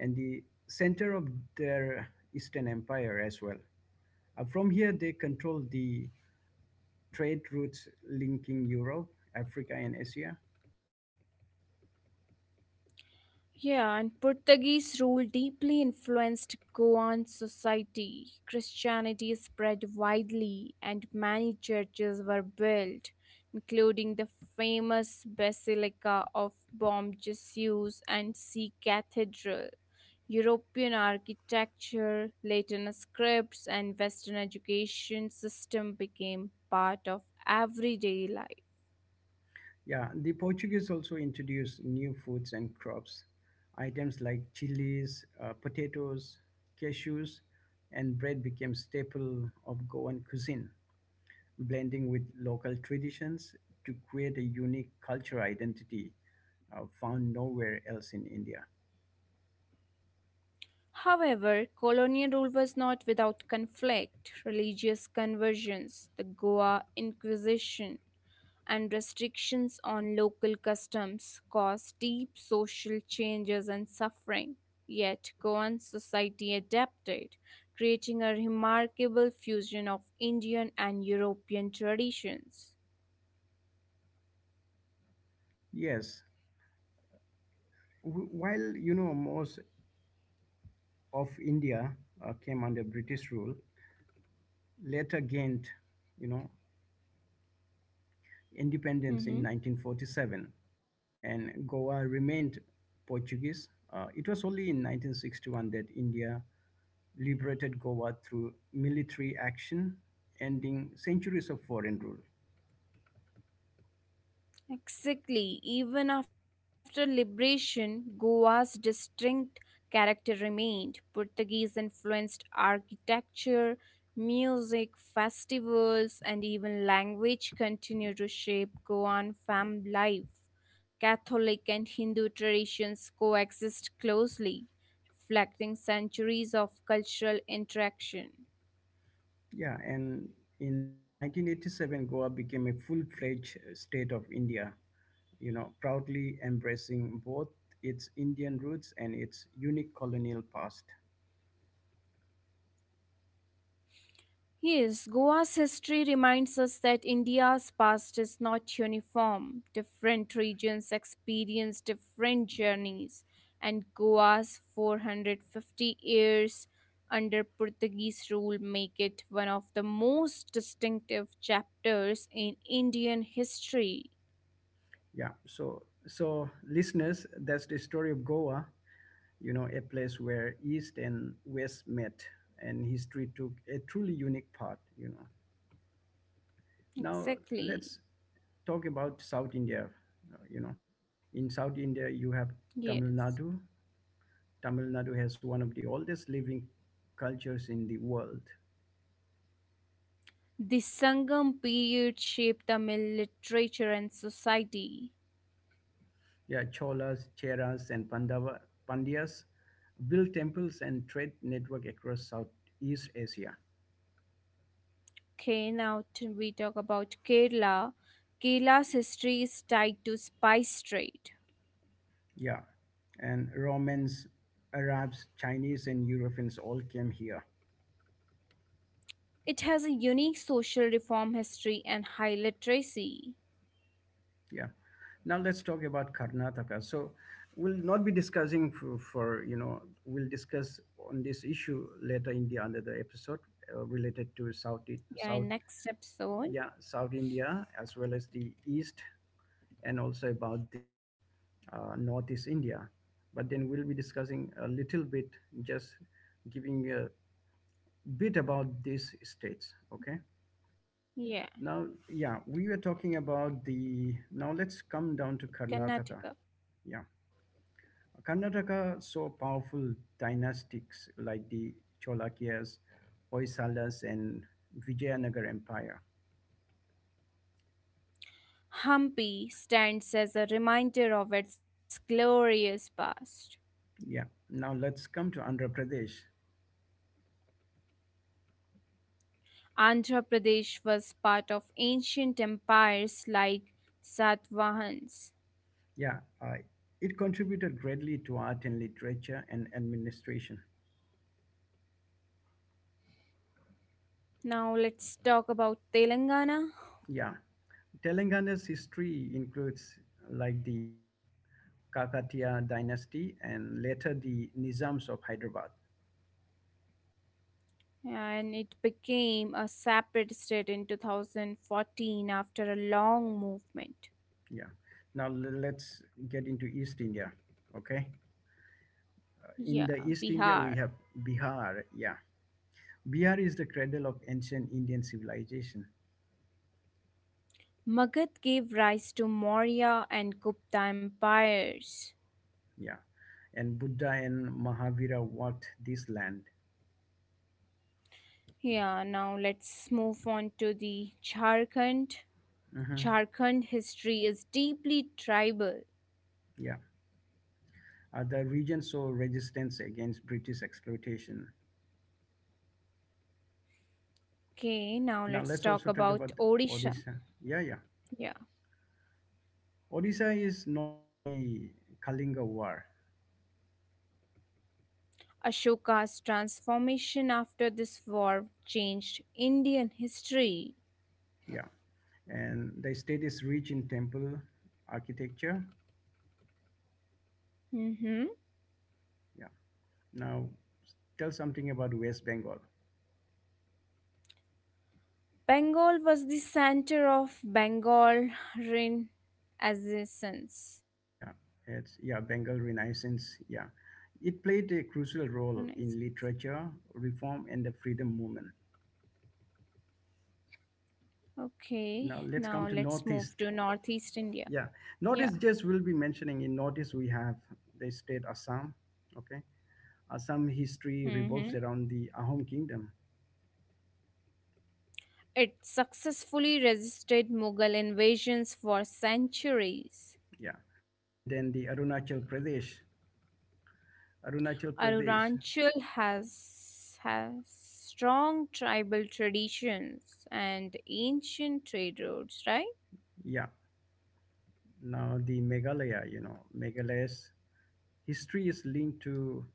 Speaker 1: and the center of their Eastern Empire as well. From here, they controlled the trade routes linking Europe, Africa, and Asia.
Speaker 2: Yeah, and Portuguese rule deeply influenced Goan society. Christianity spread widely, and many churches were built, including the famous Basilica of Bom Jesus and Sea Cathedral. European architecture, Latin scripts, and Western education system became part of everyday life.
Speaker 1: Yeah, the Portuguese also introduced new foods and crops. Items like chilies, potatoes, cashews, and bread became staple of Goan cuisine, blending with local traditions to create a unique cultural identity found nowhere else in India.
Speaker 2: However, colonial rule was not without conflict. Religious conversions, the Goa Inquisition, and restrictions on local customs caused deep social changes and suffering. Yet, Goan society adapted, creating a remarkable fusion of Indian and European traditions.
Speaker 1: Yes, while, you know, most of India came under British rule, later gained, you know, independence in
Speaker 2: Mhm.
Speaker 1: 1947, and Goa remained Portuguese. It was only in 1961 that India liberated Goa through military action, ending centuries of foreign rule.
Speaker 2: Exactly. Even after liberation, Goa's distinct character remained. Portuguese influenced architecture, music, festivals, and even language continue to shape Goan family life. Catholic and Hindu traditions coexist closely, reflecting centuries of cultural interaction.
Speaker 1: Yeah, and in 1987, Goa became a full fledged state of India, you know, proudly embracing both its Indian roots and its unique colonial past.
Speaker 2: Yes, Goa's history reminds us that India's past is not uniform. Different regions experience different journeys, and Goa's 450 years under Portuguese rule make it one of the most distinctive chapters in Indian history.
Speaker 1: Yeah, so so listeners, that's the story of Goa. You know, a place where East and West met and history took a truly unique path, you know. Now,
Speaker 2: Exactly.
Speaker 1: let's talk about South India. You know, in South India, you have Tamil
Speaker 2: Yes.
Speaker 1: Nadu. Tamil Nadu has one of the oldest living cultures in the world.
Speaker 2: The Sangam period shaped Tamil literature and society.
Speaker 1: Yeah, Cholas, Cheras, and Pandyas built temples and trade network across Southeast Asia.
Speaker 2: Okay, now we talk about Kerala. Kerala's history is tied to spice trade.
Speaker 1: Yeah. And Romans, Arabs, Chinese, and Europeans all came here.
Speaker 2: It has a unique social reform history and high literacy.
Speaker 1: Yeah. Now let's talk about Karnataka. So we'll not be discussing for, you know, we'll discuss on this issue later in the another episode related to
Speaker 2: Yeah,
Speaker 1: South,
Speaker 2: in next episode,
Speaker 1: yeah, South India, as well as the East, and also about the Northeast India. But then we'll be discussing a little bit, just giving a bit about these states. Okay.
Speaker 2: yeah,
Speaker 1: Now, yeah, we were talking about the. Now let's come down to Karnataka.
Speaker 2: Karnataka.
Speaker 1: Yeah, Karnataka saw powerful dynasties like the Cholakias, Hoysalas, and Vijayanagar Empire.
Speaker 2: Hampi stands as a reminder of its glorious past.
Speaker 1: Yeah, now let's come to Andhra Pradesh.
Speaker 2: Andhra Pradesh was part of ancient empires like Satvahans.
Speaker 1: Yeah, it contributed greatly to art and literature and administration.
Speaker 2: Now let's talk about Telangana.
Speaker 1: Yeah, Telangana's history includes like the Kakatiya dynasty and later the Nizams of Hyderabad.
Speaker 2: And it became a separate state in 2014 after a long movement.
Speaker 1: Yeah. Now let's get into East India. Okay.
Speaker 2: Yeah,
Speaker 1: In the East
Speaker 2: Bihar.
Speaker 1: India, we have Bihar. Yeah. Bihar is the cradle of ancient Indian civilization.
Speaker 2: Magad gave rise to Maurya and Gupta empires.
Speaker 1: Yeah. And Buddha and Mahavira walked this land.
Speaker 2: Yeah, now let's move on to the Jharkhand.
Speaker 1: Mhm.
Speaker 2: Jharkhand history is deeply tribal.
Speaker 1: Yeah. The region saw resistance against British exploitation.
Speaker 2: Okay, now
Speaker 1: Now
Speaker 2: let's
Speaker 1: let's
Speaker 2: talk
Speaker 1: also talk about
Speaker 2: about Odisha.
Speaker 1: Odisha. Yeah, yeah.
Speaker 2: Yeah,
Speaker 1: Odisha is known for the Kalinga War.
Speaker 2: Ashoka's transformation after this war changed Indian history.
Speaker 1: Yeah. And the state is rich in temple architecture.
Speaker 2: Mhm.
Speaker 1: Yeah. Now, tell something about West Bengal.
Speaker 2: Bengal was the center of Bengal Renaissance.
Speaker 1: Yeah, it's yeah Bengal Renaissance. Yeah, it played a crucial role in
Speaker 2: Renaissance.
Speaker 1: literature reform and the freedom movement.
Speaker 2: Okay,
Speaker 1: Now let's
Speaker 2: now
Speaker 1: come to
Speaker 2: let's
Speaker 1: Northeast.
Speaker 2: move to Northeast India.
Speaker 1: Yeah,
Speaker 2: Yeah.
Speaker 1: Northeast, just will be mentioning, in Northeast we have the state Assam. Okay, Assam history
Speaker 2: Hmm.
Speaker 1: revolves around the Ahom Kingdom.
Speaker 2: It successfully resisted Mughal invasions for centuries.
Speaker 1: Yeah, and then the Arunachal Pradesh. Arunachal Pradesh.
Speaker 2: Arunachal has strong tribal traditions and ancient trade routes, right?
Speaker 1: Yeah. Now the Meghalaya, you know, Meghalaya's history is linked to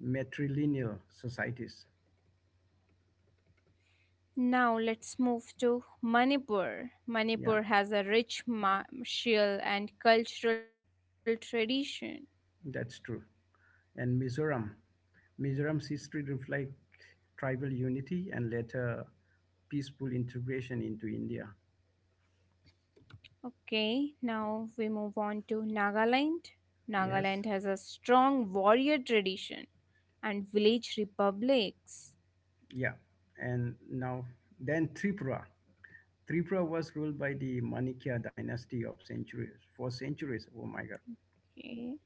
Speaker 1: matrilineal societies.
Speaker 2: Now let's move to Manipur.
Speaker 1: Yeah,
Speaker 2: Manipur has a rich martial and cultural tradition.
Speaker 1: that's true. And Mizoram, Mizoram's history reflects tribal unity and later peaceful integration into India.
Speaker 2: Okay, now we move on to Nagaland.
Speaker 1: Yes,
Speaker 2: Nagaland has a strong warrior tradition and village republics.
Speaker 1: yeah. And now, then Tripura. Tripura was ruled by the Manikya dynasty of centuries, for centuries. Oh my God.
Speaker 2: Okay,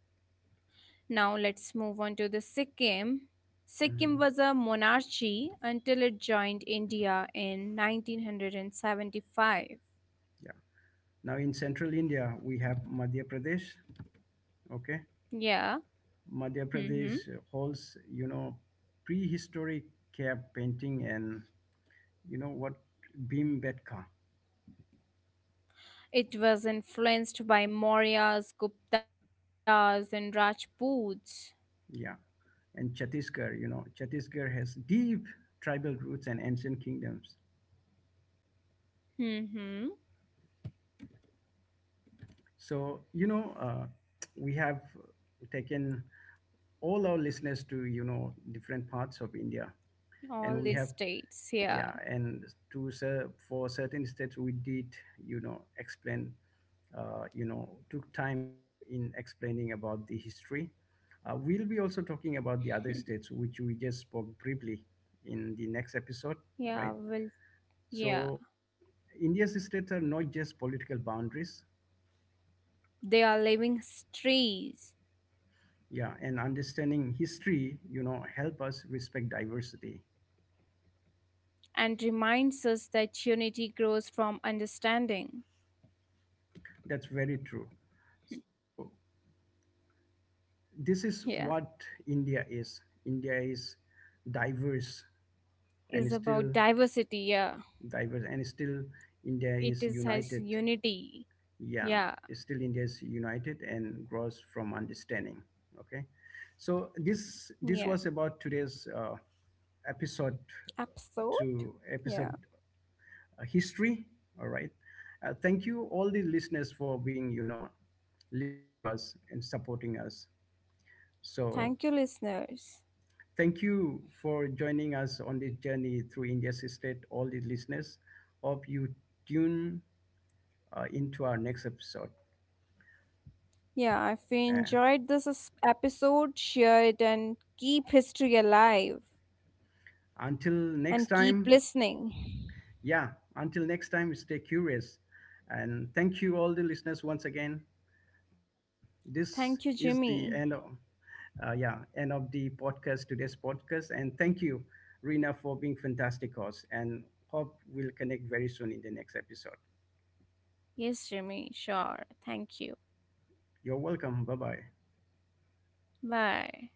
Speaker 2: now let's move on to the Sikkim. Sikkim
Speaker 1: Mhm.
Speaker 2: was a monarchy until it joined India in 1975.
Speaker 1: Yeah. Now in central India, we have Madhya Pradesh. Okay.
Speaker 2: Yeah.
Speaker 1: Madhya
Speaker 2: Mm-hmm.
Speaker 1: Pradesh holds, you know, prehistoric cave painting and you know what Bhimbetka,
Speaker 2: It was influenced by Mauryas, Guptas, and Rajputs.
Speaker 1: yeah, and Chhattisgarh. You know, Chhattisgarh has deep tribal roots and ancient kingdoms.
Speaker 2: Hmm.
Speaker 1: So, you know, we have taken all our listeners to, you know, different parts of India,
Speaker 2: All
Speaker 1: and we
Speaker 2: these
Speaker 1: have
Speaker 2: states, yeah.
Speaker 1: yeah and to for certain states we did, you know, explain you know, took time in explaining about the history. We'll be also talking about the other states which we just spoke briefly in the next episode,
Speaker 2: Yeah,
Speaker 1: right.
Speaker 2: well, yeah.
Speaker 1: So India's states are not just political boundaries,
Speaker 2: They are living histories
Speaker 1: yeah, and understanding history, you know, help us respect diversity.
Speaker 2: and reminds us that unity grows from understanding.
Speaker 1: That's very true. So this is
Speaker 2: Yeah,
Speaker 1: what India is. India is diverse, and
Speaker 2: is
Speaker 1: still
Speaker 2: about diversity. Yeah,
Speaker 1: diverse, and still India is
Speaker 2: it is
Speaker 1: united.
Speaker 2: has unity.
Speaker 1: Yeah,
Speaker 2: Yeah,
Speaker 1: still India is united and grows from understanding. Okay, so this
Speaker 2: yeah.
Speaker 1: was about today's episode
Speaker 2: Episode.
Speaker 1: to
Speaker 2: Yeah.
Speaker 1: episode, history. All right, thank you all the listeners for being, you know, listening to us and supporting us. So
Speaker 2: Thank you, listeners.
Speaker 1: thank you for joining us on this journey through India's state, all the listeners. Hope you tune into our next episode.
Speaker 2: Yeah, if you
Speaker 1: Uh,
Speaker 2: enjoyed episode, share it and keep history alive
Speaker 1: until next
Speaker 2: and keep
Speaker 1: time,
Speaker 2: listening.
Speaker 1: yeah, until next time, stay curious. And thank you, all the listeners, once again. And this
Speaker 2: Thank you,
Speaker 1: is the
Speaker 2: Jimmy.
Speaker 1: end of, yeah, end of the podcast, today's podcast. And thank you, Rina, for being fantastic host. And hope we'll connect very soon in the next episode.
Speaker 2: Yes, Jimmy, sure. Thank you.
Speaker 1: You're welcome. Bye bye.
Speaker 2: Bye.